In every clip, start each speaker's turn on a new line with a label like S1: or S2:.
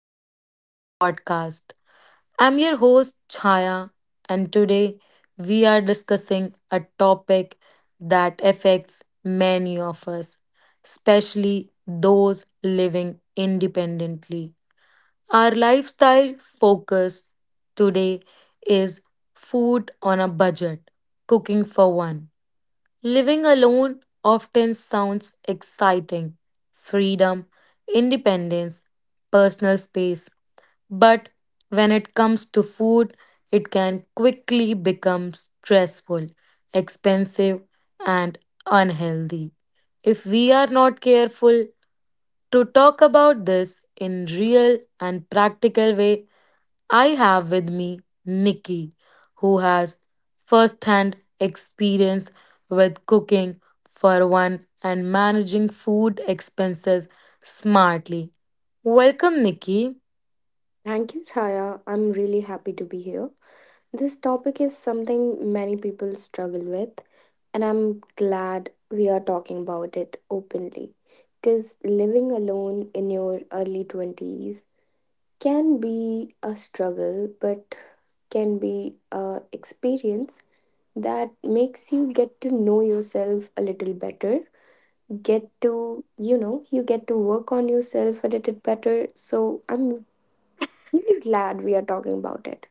S1: lifestyle podcast. I'm your host, Chaya, and today we are discussing a topic that affects many of us, especially those living independently. Our lifestyle focus today is food on a budget, cooking for one. Living alone often sounds exciting: freedom, independence, personal space. But when it comes to food, it can quickly become stressful, expensive, and unhealthy. If we are not careful, to talk about this in real and practical way I have with me Nikki, who has first-hand experience with cooking for one and managing food expenses smartly. Welcome, Nikki.
S2: Thank you, Chaya. I'm really happy to be here. This topic is something many people struggle with, and I'm glad we are talking about it openly. Because living alone in your early 20s can be a struggle, but can be a experience that makes you get to know yourself a little better, get to you know you get to work on yourself a little better. So I'm really glad we are talking about it.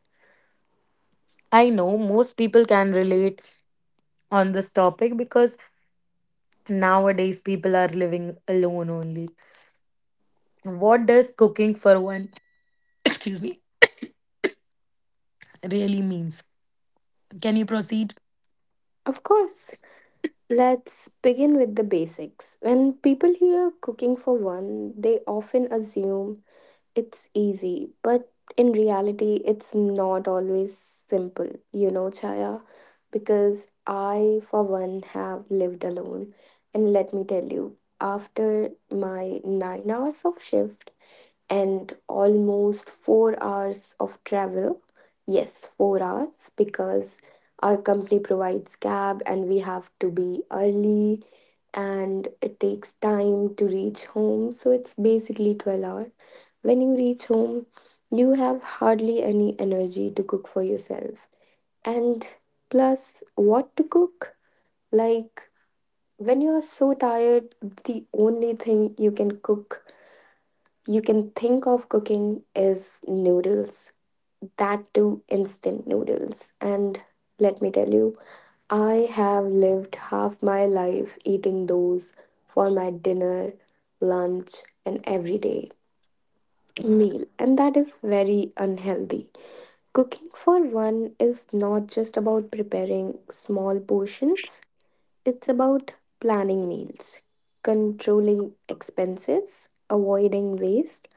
S1: I know most people can relate on this topic because nowadays people are living alone only. What does cooking for one, excuse me, really means? Can you proceed?
S2: Of course. Let's begin with the basics. When people hear cooking for one, they often assume it's easy, but in reality, it's not always simple, Chaya, because I, for one, have lived alone. And let me tell you, after my 9 hours of shift, and almost 4 hours of travel. Yes, 4 hours because our company provides cab and we have to be early and it takes time to reach home. So it's basically 12 hours. When you reach home, you have hardly any energy to cook for yourself. And plus, what to cook? Like, when you are so tired, the only thing you can think of cooking as noodles, that too, instant noodles. And let me tell you, I have lived half my life eating those for my dinner, lunch, and everyday meal, and that is very unhealthy. Cooking for one is not just about preparing small portions, it's about planning meals, controlling expenses, avoiding waste,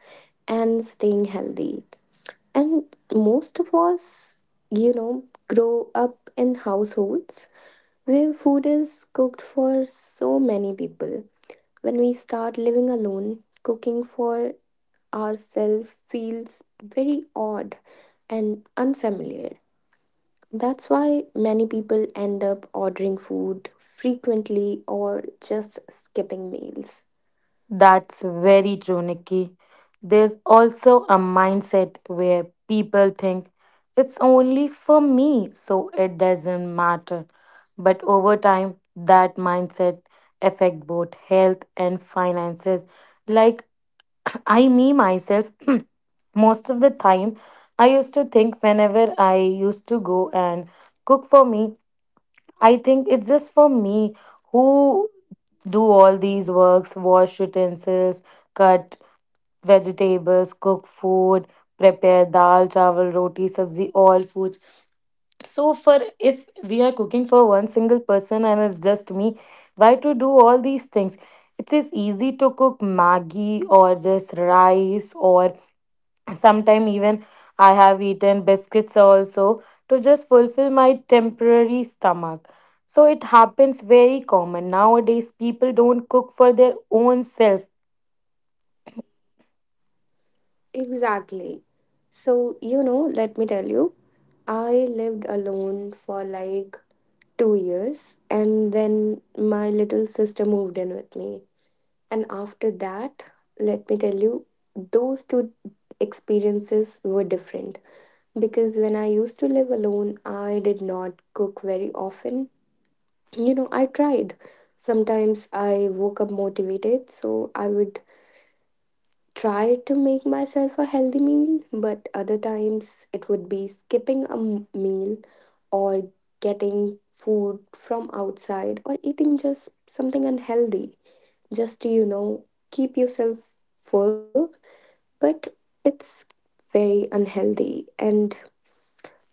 S2: and staying healthy. And most of us, grow up in households where food is cooked for so many people. When we start living alone, cooking for ourselves feels very odd and unfamiliar. That's why many people end up ordering food frequently or just skipping meals.
S1: That's very true, Nikki. There's also a mindset where people think it's only for me, so it doesn't matter. But over time, that mindset affect both health and finances. Like I, me, myself, most of the time, I used to think whenever I used to go and cook for me, I think it's just for me who do all these works: wash utensils, cut vegetables, cook food, prepare dal, chawal, roti, sabzi, all foods. So, for if we are cooking for one single person and it's just me, why to do all these things? It is easy to cook Maggi or just rice or sometime even I have eaten biscuits also to just fulfill my temporary stomach. So it happens very common. Nowadays, people don't cook for their own self.
S2: Exactly. So, let me tell you, I lived alone for like 2 years, and then my little sister moved in with me. And after that, let me tell you, those two experiences were different because when I used to live alone, I did not cook very often. I tried. Sometimes I woke up motivated, so I would try to make myself a healthy meal, but other times it would be skipping a meal or getting food from outside or eating just something unhealthy just to, keep yourself full. But it's very unhealthy, and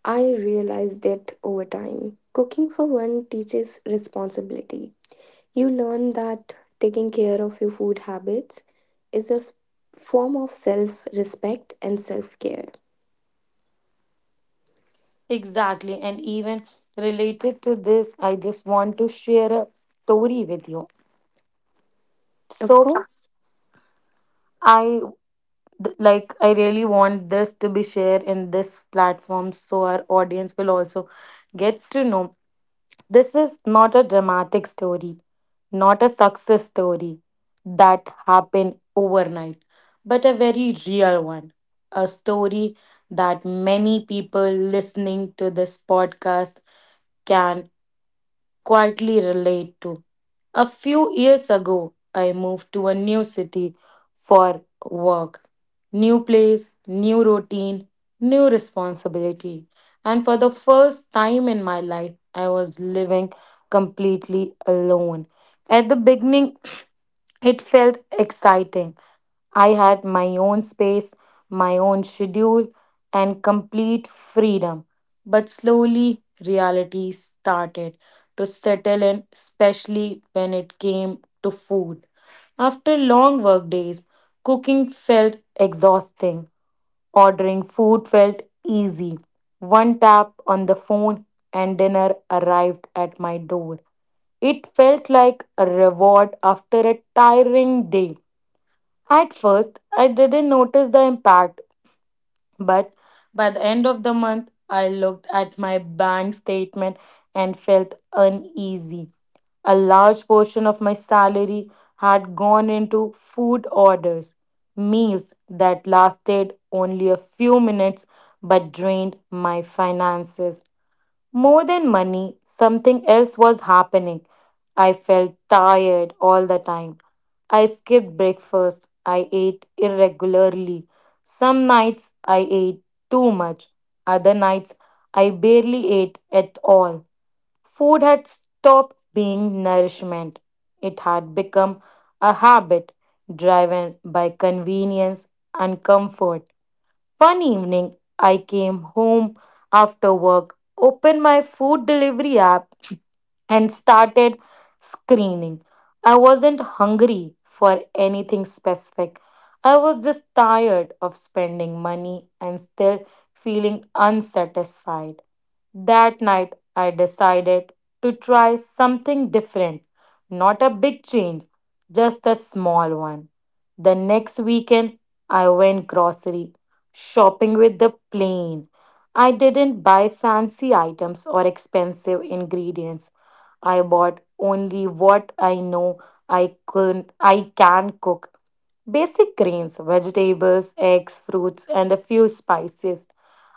S2: I realized it over time. Cooking for one teaches responsibility. You learn that taking care of your food habits is a form of self respect and self care.
S1: Exactly. And even related to this, I just want to share a story with you.
S2: Of
S1: So
S2: course.
S1: I th- like I really want this to be shared in this platform so our audience will also get to know this is not a dramatic story, not a success story that happened overnight, but a very real one, a story that many people listening to this podcast can quietly relate to. A few years ago, I moved to a new city for work. New place, new routine, new responsibility. And for the first time in my life, I was living completely alone. At the beginning, it felt exciting. I had my own space, my own schedule, and complete freedom. But slowly, reality started to settle in, especially when it came to food. After long work days, cooking felt exhausting. Ordering food felt easy. One tap on the phone and dinner arrived at my door. It felt like a reward after a tiring day. At first, I didn't notice the impact, but by the end of the month, I looked at my bank statement and felt uneasy. A large portion of my salary had gone into food orders, meals that lasted only a few minutes but drained my finances. More than money, something else was happening. I felt tired all the time. I skipped breakfast. I ate irregularly. Some nights I ate too much. Other nights I barely ate at all. Food had stopped being nourishment. It had become a habit driven by convenience and comfort. One evening, I came home after work, opened my food delivery app, and started screening. I wasn't hungry for anything specific. I was just tired of spending money and still feeling unsatisfied. That night, I decided to try something different, not a big change, just a small one. The next weekend, I went grocery shopping with the plane. I didn't buy fancy items or expensive ingredients. I bought only what I know I can cook. Basic grains, vegetables, eggs, fruits and a few spices.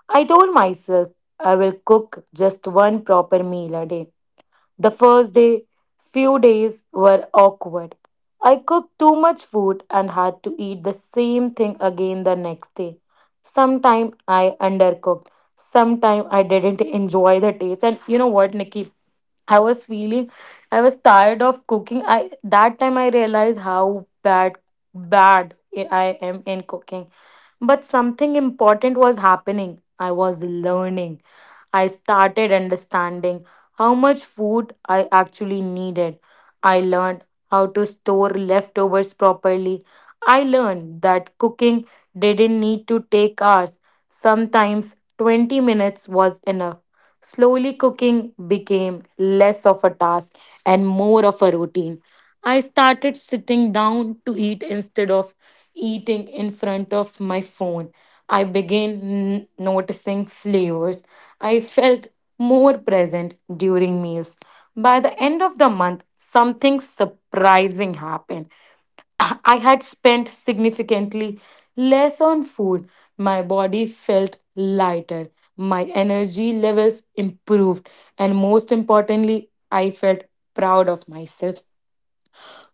S1: I told myself I will cook just one proper meal a day. The first day, few days were awkward. I cooked too much food and had to eat the same thing again the next day. Sometime I undercooked. Sometime I didn't enjoy the taste. And you know what, Nikki? I was feeling I was tired of cooking. I that time I realized how bad I am in cooking. But something important was happening. I was learning. I started understanding how much food I actually needed. I learned how to store leftovers properly. I learned that cooking didn't need to take hours. Sometimes 20 minutes was enough. Slowly, cooking became less of a task and more of a routine. I started sitting down to eat instead of eating in front of my phone. I began noticing flavors. I felt more present during meals. By the end of the month, something surprising happened. I had spent significantly less on food. My body felt lighter, my energy levels improved, and most importantly, I felt proud of myself.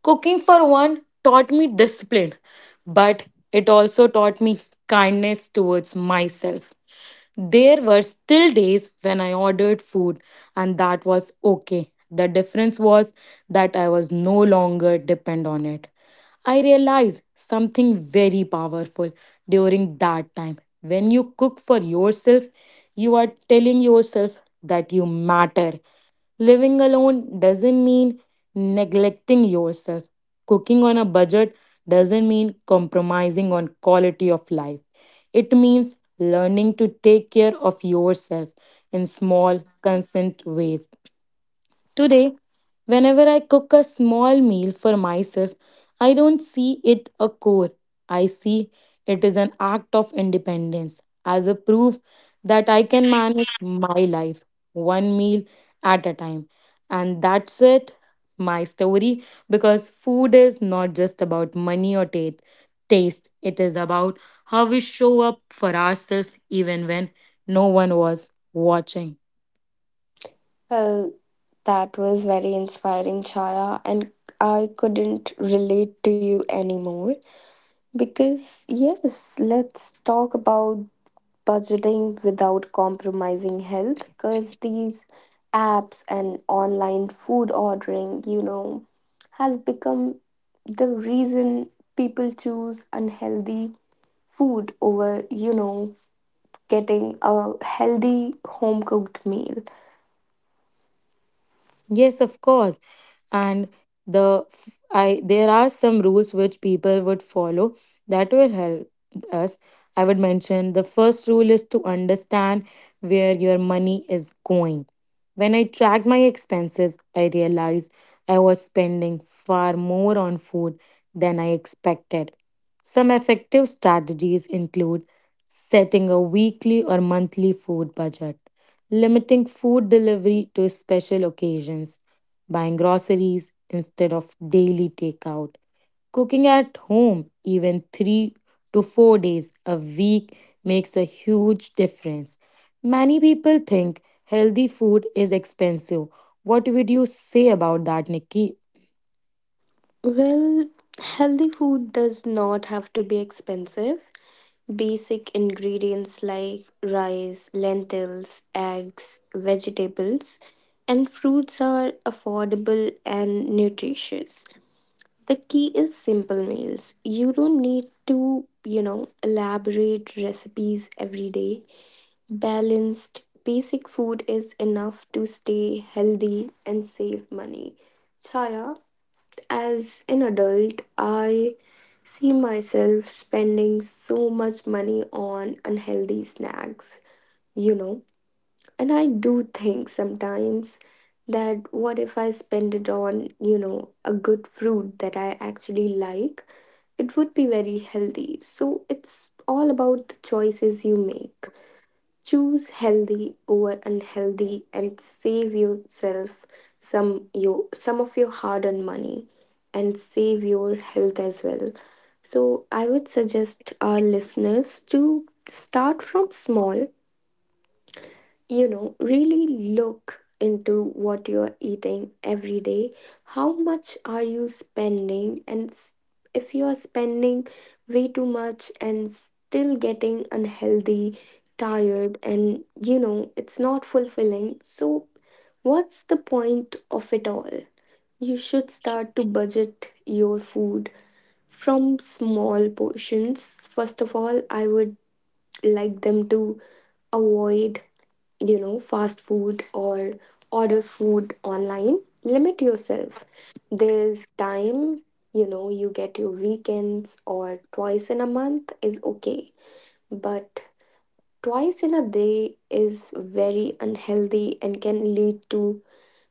S1: Cooking for one taught me discipline, but it also taught me kindness towards myself. There were still days when I ordered food, and that was okay. The difference was that I was no longer depend on it. I realized something very powerful during that time. When you cook for yourself, you are telling yourself that you matter. Living alone doesn't mean neglecting yourself. Cooking on a budget doesn't mean compromising on quality of life. It means learning to take care of yourself in small, consistent ways. Today, whenever I cook a small meal for myself, I don't see it a chore. I see it is an act of independence, as a proof that I can manage my life one meal at a time. And that's it, my story, because food is not just about money or taste, it is about how we show up for ourselves even when no one was watching.
S2: Well, that was very inspiring, Chaya, and I couldn't relate to you anymore because, yes, let's talk about budgeting without compromising health because these apps and online food ordering, has become the reason people choose unhealthy food over, getting a healthy home cooked meal.
S1: Yes, of course. And the f- I there are some rules which people would follow that will help us. I would mention the first rule is to understand where your money is going. When I tracked my expenses, I realized I was spending far more on food than I expected. Some effective strategies include setting a weekly or monthly food budget, limiting food delivery to special occasions, buying groceries instead of daily takeout, cooking at home even 3 to 4 days a week makes a huge difference. Many people think healthy food is expensive. What would you say about that, Nikki?
S2: Well, healthy food does not have to be expensive. Basic ingredients like rice, lentils, eggs, vegetables, and fruits are affordable and nutritious. The key is simple meals. You don't need to, elaborate recipes every day. Balanced basic food is enough to stay healthy and save money. Chaya, as an adult, I see myself spending so much money on unhealthy snacks, you know, and I do think sometimes that what if I spend it on, a good fruit that I actually like? It would be very healthy. So it's all about the choices you make. Choose healthy over unhealthy and save yourself some of your hard-earned money and save your health as well. So I would suggest our listeners to start from small, really look into what you're eating every day, how much are you spending, and if you're spending way too much and still getting unhealthy, tired, and you know it's not fulfilling, so what's the point of it all? You should start to budget your food from small portions. First of all, I would like them to avoid, fast food or order food online. Limit yourself. There's time, you get your weekends or twice in a month is okay. But twice in a day is very unhealthy and can lead to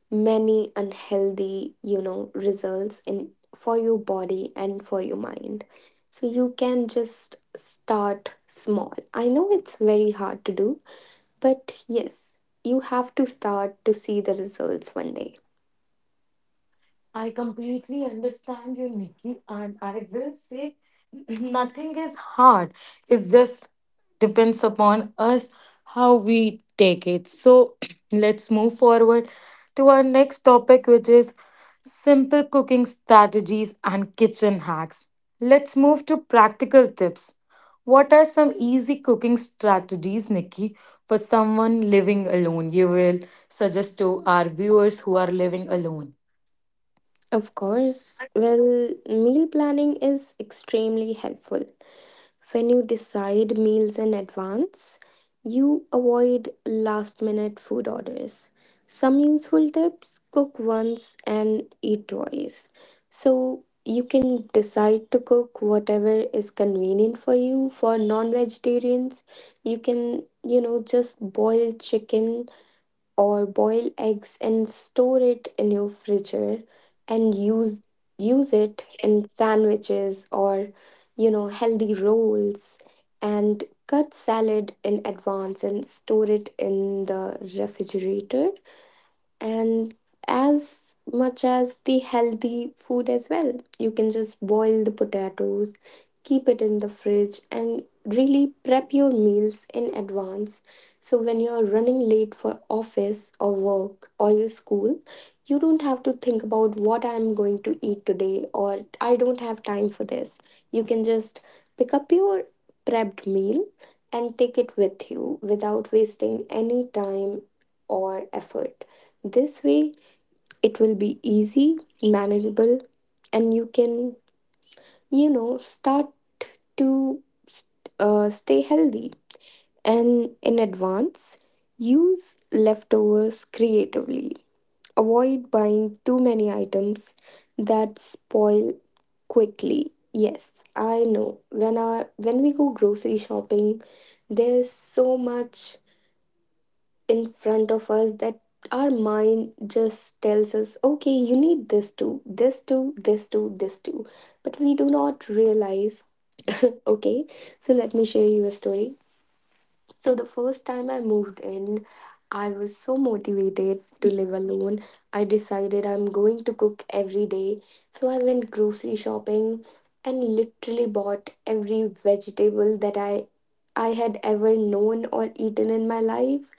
S2: many unhealthy, results in for your body and for your mind. So you can just start small. I know it's very hard to do, but yes, you have to start to see the results one day.
S1: I completely understand you, Nikki, and I will say nothing is hard. It just depends upon us how we take it. So let's move forward to our next topic, which is simple cooking strategies and kitchen hacks. Let's move to practical tips. What are some easy cooking strategies, Nikki, for someone living alone? You will suggest to our viewers who are living alone.
S2: Of course, well, meal planning is extremely helpful. When you decide meals in advance, you avoid last minute food orders. Some useful tips cook once and eat twice. So you can decide to cook whatever is convenient for you. For non vegetarians, you can, just boil chicken or boil eggs and store it in your fridger and use it in sandwiches or healthy rolls and cut salad in advance and store it in the refrigerator and as much as the healthy food as well. You can just boil the potatoes, keep it in the fridge, and really prep your meals in advance. So when you're running late for office or work or your school, you don't have to think about what I'm going to eat today or I don't have time for this. You can just pick up your prepped meal and take it with you without wasting any time or effort. This way, it will be easy, manageable, and you can, start to stay healthy. And in advance, use leftovers creatively. Avoid buying too many items that spoil quickly. Yes, I know. When we go grocery shopping, there's so much in front of us that our mind just tells us, okay, you need this too, this too, this too, this too. But we do not realize, okay? So let me share you a story. So the first time I moved in, I was so motivated to live alone. I decided I'm going to cook every day. So I went grocery shopping and literally bought every vegetable that I had ever known or eaten in my life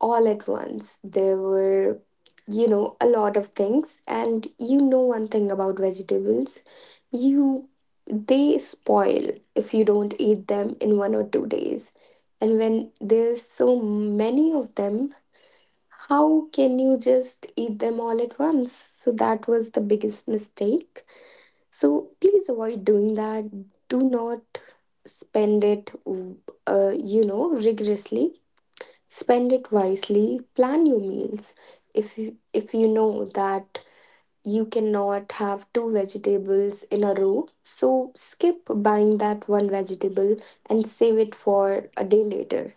S2: all at once. There were, a lot of things. And you know one thing about vegetables, you they spoil if you don't eat them in 1 or 2 days. And when there's so many of them, how can you just eat them all at once? So that was the biggest mistake. So please avoid doing that. Do not spend it, rigorously. Spend it wisely, plan your meals. If you know that you cannot have two vegetables in a row, so skip buying that one vegetable and save it for a day later.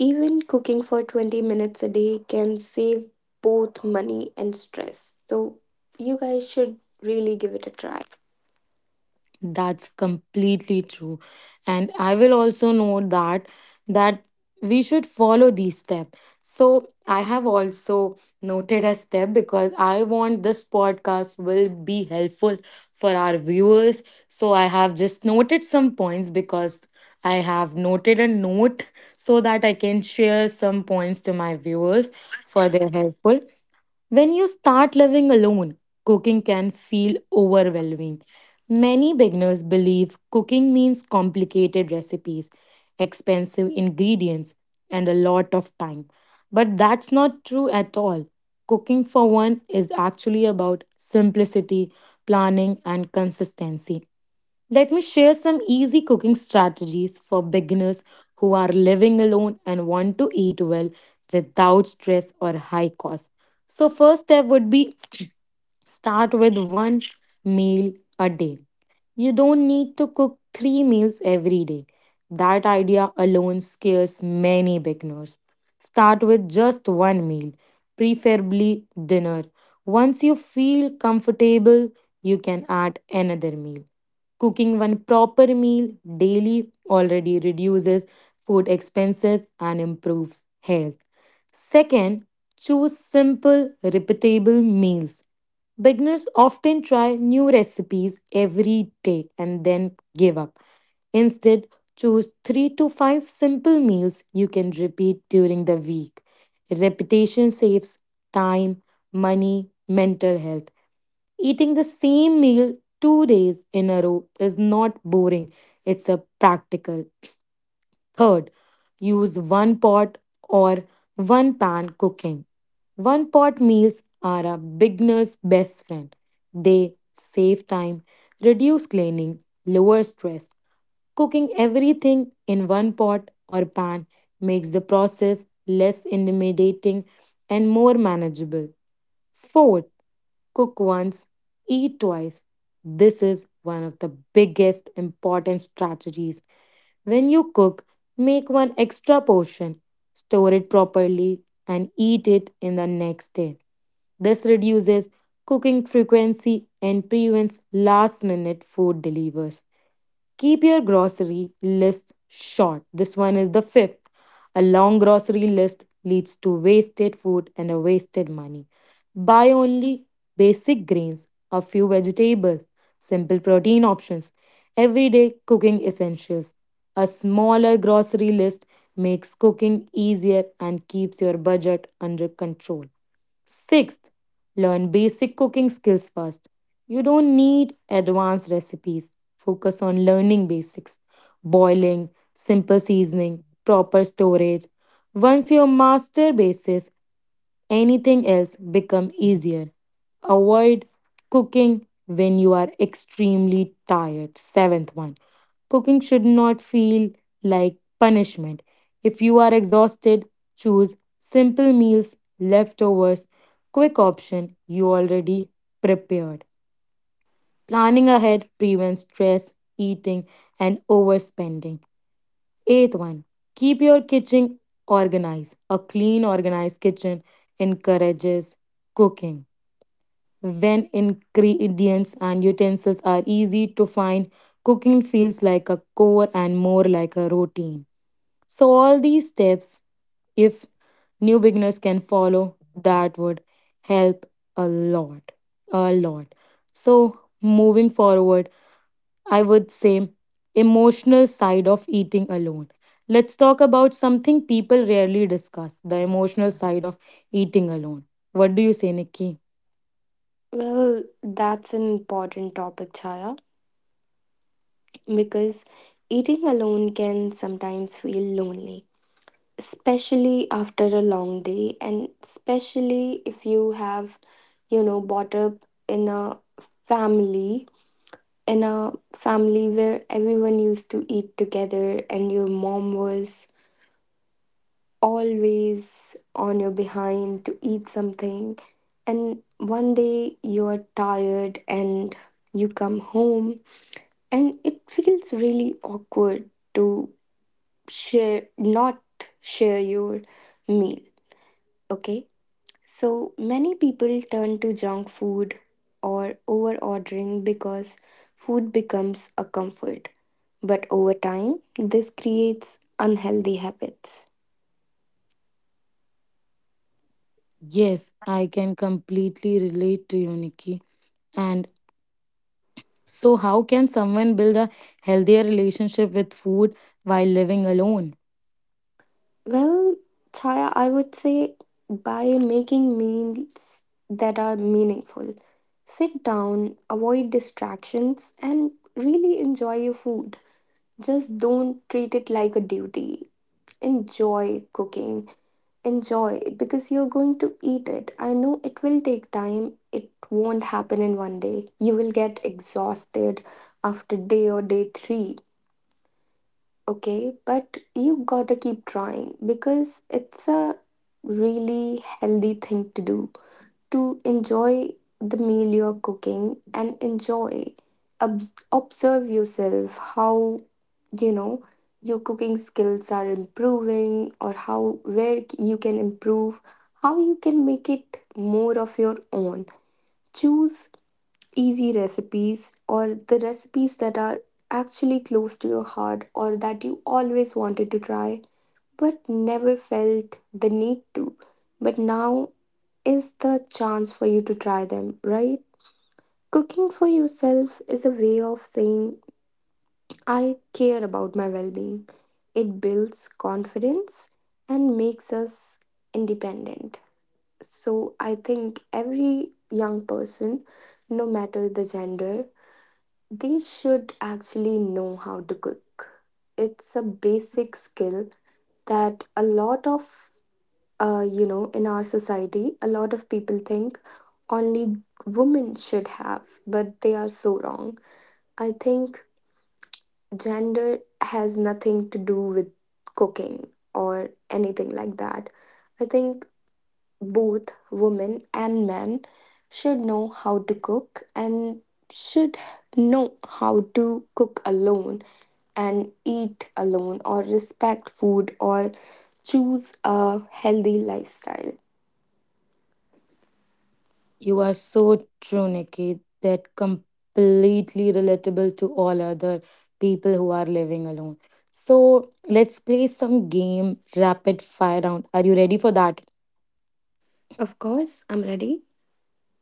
S2: Even cooking for 20 minutes a day can save both money and stress. So you guys should really give it a try.
S1: That's completely true. And I will also note that that we should follow these steps. So I have also noted a step because I want this podcast will be helpful for our viewers. So I have just noted some points because I have noted a note so that I can share some points to my viewers for their helpful. When you start living alone, cooking can feel overwhelming. Many beginners believe cooking means complicated recipes, expensive ingredients, and a lot of time. But that's not true at all. Cooking for one is actually about simplicity, planning, and consistency. Let me share some easy cooking strategies for beginners who are living alone and want to eat well without stress or high cost. So, first step would be: start with one meal a day. You don't need to cook three meals every day. That idea alone scares many beginners. Start with just one meal, preferably dinner. Once you feel comfortable, you can add another meal. Cooking one proper meal daily already reduces food expenses and improves health. Second, choose simple, repeatable meals. Beginners often try new recipes every day and then give up. Instead, choose 3 to 5 simple meals you can repeat during the week. Repetition saves time, money, mental health. Eating the same meal 2 days in a row is not boring, it's a practical. Third, use one pot or one pan cooking. One pot meals are a beginner's best friend. They save time, reduce cleaning, lower stress. Cooking everything in one pot or pan makes the process less intimidating and more manageable. Fourth, cook once, eat twice. This is one of the biggest important strategies. When you cook, make one extra portion, store it properly, and eat it in the next day. This reduces cooking frequency and prevents last minute food deliveries. Keep your grocery list short. This one is the fifth. A long grocery list leads to wasted food and a wasted money. Buy only basic grains, a few vegetables, simple protein options, everyday cooking essentials. A smaller grocery list makes cooking easier and keeps your budget under control. Sixth, learn basic cooking skills first. You don't need advanced recipes. Focus on learning basics: boiling, simple seasoning, proper storage. Once you master basics, anything else become easier. Avoid cooking when you are extremely tired. Seventh one. Cooking should not feel like punishment. If you are exhausted, choose simple meals, leftovers, quick option you already prepared. Planning ahead prevents stress, eating, and overspending. Eighth one, keep your kitchen organized. A clean, organized kitchen encourages cooking. When ingredients and utensils are easy to find, cooking feels like a chore and more like a routine. So, all these steps, if new beginners can follow, that would help a lot. A lot. So, moving forward, I would say, emotional side of eating alone. Let's talk about something people rarely discuss: the emotional side of eating alone. What do you say, Nikki?
S2: Well, that's an important topic, Chaya, because eating alone can sometimes feel lonely, especially after a long day and especially if you have brought up in family a family where everyone used to eat together and your mom was always on your behind to eat something and one day you're tired and you come home and it feels really awkward to share not share your meal, okay. So many people turn to junk food or over ordering because food becomes a comfort. But over time, this creates unhealthy habits.
S1: Yes, I can completely relate to you, Nikki. And so, how can someone build a healthier relationship with food while living alone?
S2: Well, Chaya, I would say by making meals that are meaningful, sit down, avoid distractions, and really enjoy your food. Just don't treat it like a duty. Enjoy cooking. Enjoy it because you're going to eat it. I know it will take time. It won't happen in one day. You will get exhausted after day or day 3, okay? But you got to keep trying because it's a really healthy thing to do. To enjoy the meal you're cooking and Ob- observe yourself, how you know your cooking skills are improving, or how where you can improve, how you can make it more of your own. Choose easy recipes or the recipes that are actually close to your heart or that you always wanted to try but never felt the need to, but now is the chance for you to try them, right? Cooking for yourself is a way of saying I care about my well being. It builds confidence and makes us independent. So I think every young person, no matter the gender, they should actually know how to cook. It's a basic skill that a lot of you know in our society a lot of people think only women should have, but they are so wrong. I think gender has nothing to do with cooking or anything like that. I think both women and men should know how to cook and should know how to cook alone and eat alone or respect food or choose a healthy lifestyle.
S1: You are so true, Nikki. That completely relatable to all other people who are living alone. So let's play some game: rapid fire round. Are you ready for that?
S2: Of course, I'm ready.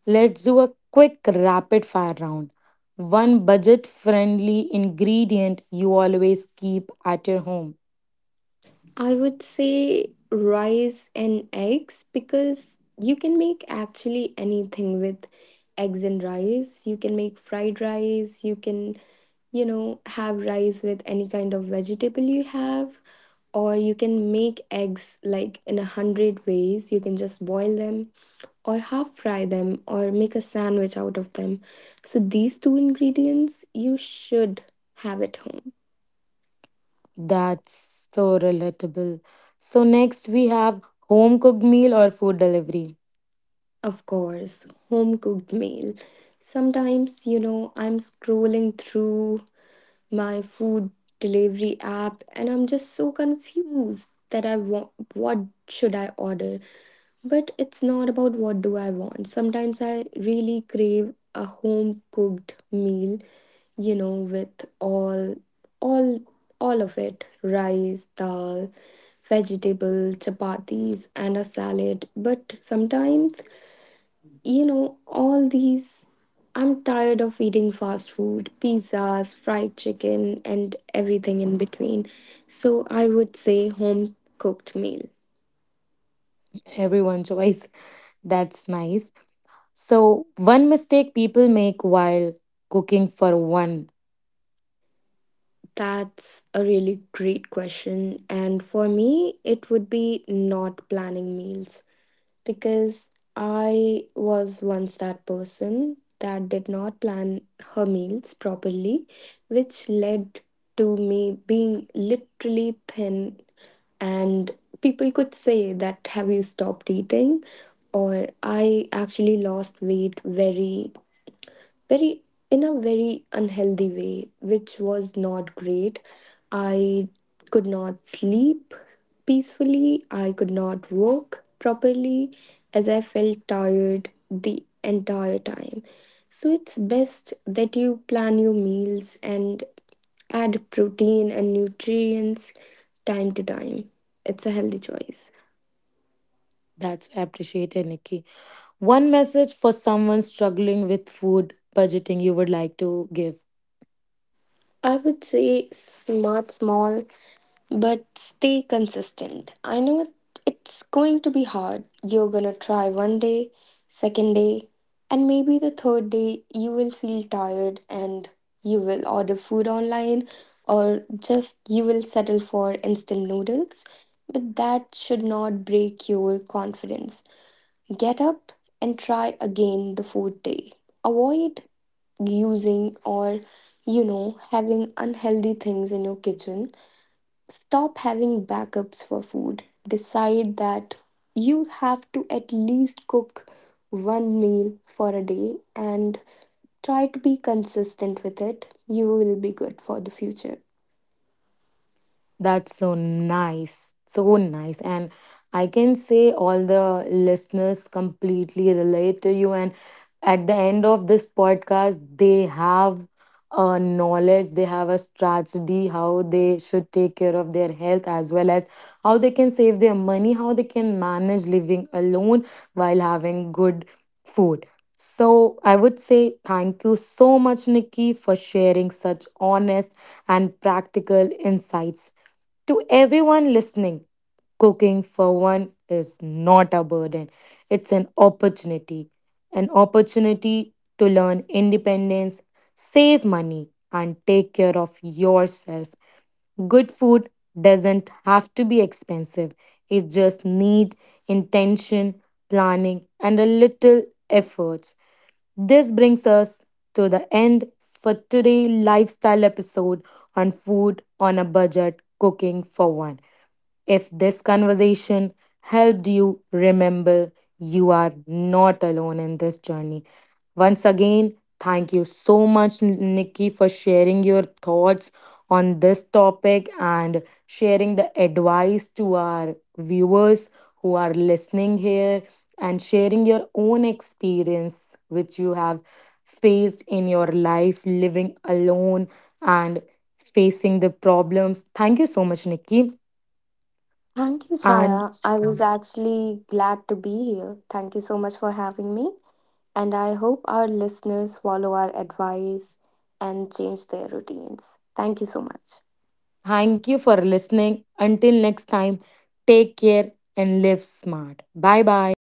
S1: Let's do a quick rapid fire round. One budget friendly ingredient you always keep at your home.
S2: I would say rice and eggs because you can make actually anything with eggs and rice. You can make fried rice, you can, have rice with any kind of vegetable you have, or you can make eggs like in a hundred ways. You can just boil them or half fry them or make a sandwich out of them. So these two ingredients you should have at home.
S1: That's so relatable. So next we have home cooked meal or food delivery.
S2: Of course, home cooked meal. Sometimes, I'm scrolling through my food delivery app and I'm just so confused that I want what should I order? But it's not about what do I want. Sometimes I really crave a home cooked meal, with all all of it, rice, dal, vegetable, chapatis and a salad. But sometimes all these. I'm tired of eating fast food, pizzas, fried chicken, and everything in between. So I would say home cooked meal.
S1: Everyone choice. That's nice. So, one mistake people make while cooking for one,
S2: That's a really great question. And for me, it would be not planning meals, because I was once that person that did not plan her meals properly, which led to me being literally thin. And people could say that, have you stopped eating? Or I actually lost weight very very in a very unhealthy way which was not great. I could not sleep peacefully. I could not work properly as I felt tired the entire time. So it's best that you plan your meals and add protein and nutrients time to time. It's a healthy choice.
S1: that's appreciated, Nikki. One message for someone struggling with food budgeting you would like to give.
S2: I would say smart small but stay consistent. I know it's going to be hard. You're gonna try one day, second day, and maybe the third day you will feel tired and you will order food online or just you will settle for instant noodles. But that should not break your confidence. Get up and try again the fourth day. Avoid using or having unhealthy things in your kitchen. Stop having backups for food. Decide that you have to at least cook one meal for a day and try to be consistent with it. You will be good for the future.
S1: That's so nice. So nice. And I can say all the listeners completely relate to you. And at the end of this podcast, they have a knowledge, they have a strategy, how they should take care of their health, as well as how they can save their money, how they can manage living alone while having good food. So I would say thank you so much, Nikki, for sharing such honest and practical insights to everyone listening. Cooking for one is not a burden, it's an opportunity. An opportunity to learn independence, save money, and take care of yourself. Good food doesn't have to be expensive, it just needs intention, planning, and a little efforts. This brings us to the end for today' lifestyle episode on food on a budget cooking for one. If this conversation helped you, remember you are not alone in this journey. Once again, thank you so much, Nikki, for sharing your thoughts on this topic and sharing the advice to our viewers who are listening here and sharing your own experience which you have faced in your life living alone and facing the problems. Thank you so much, Nikki.
S2: Thank you,
S1: And
S2: Chaya. I was actually glad to be here. Thank you so much for having me. And I hope our listeners follow our advice and change their routines. Thank you so much.
S1: thank you for listening. Until next time, take care and live smart. Bye bye.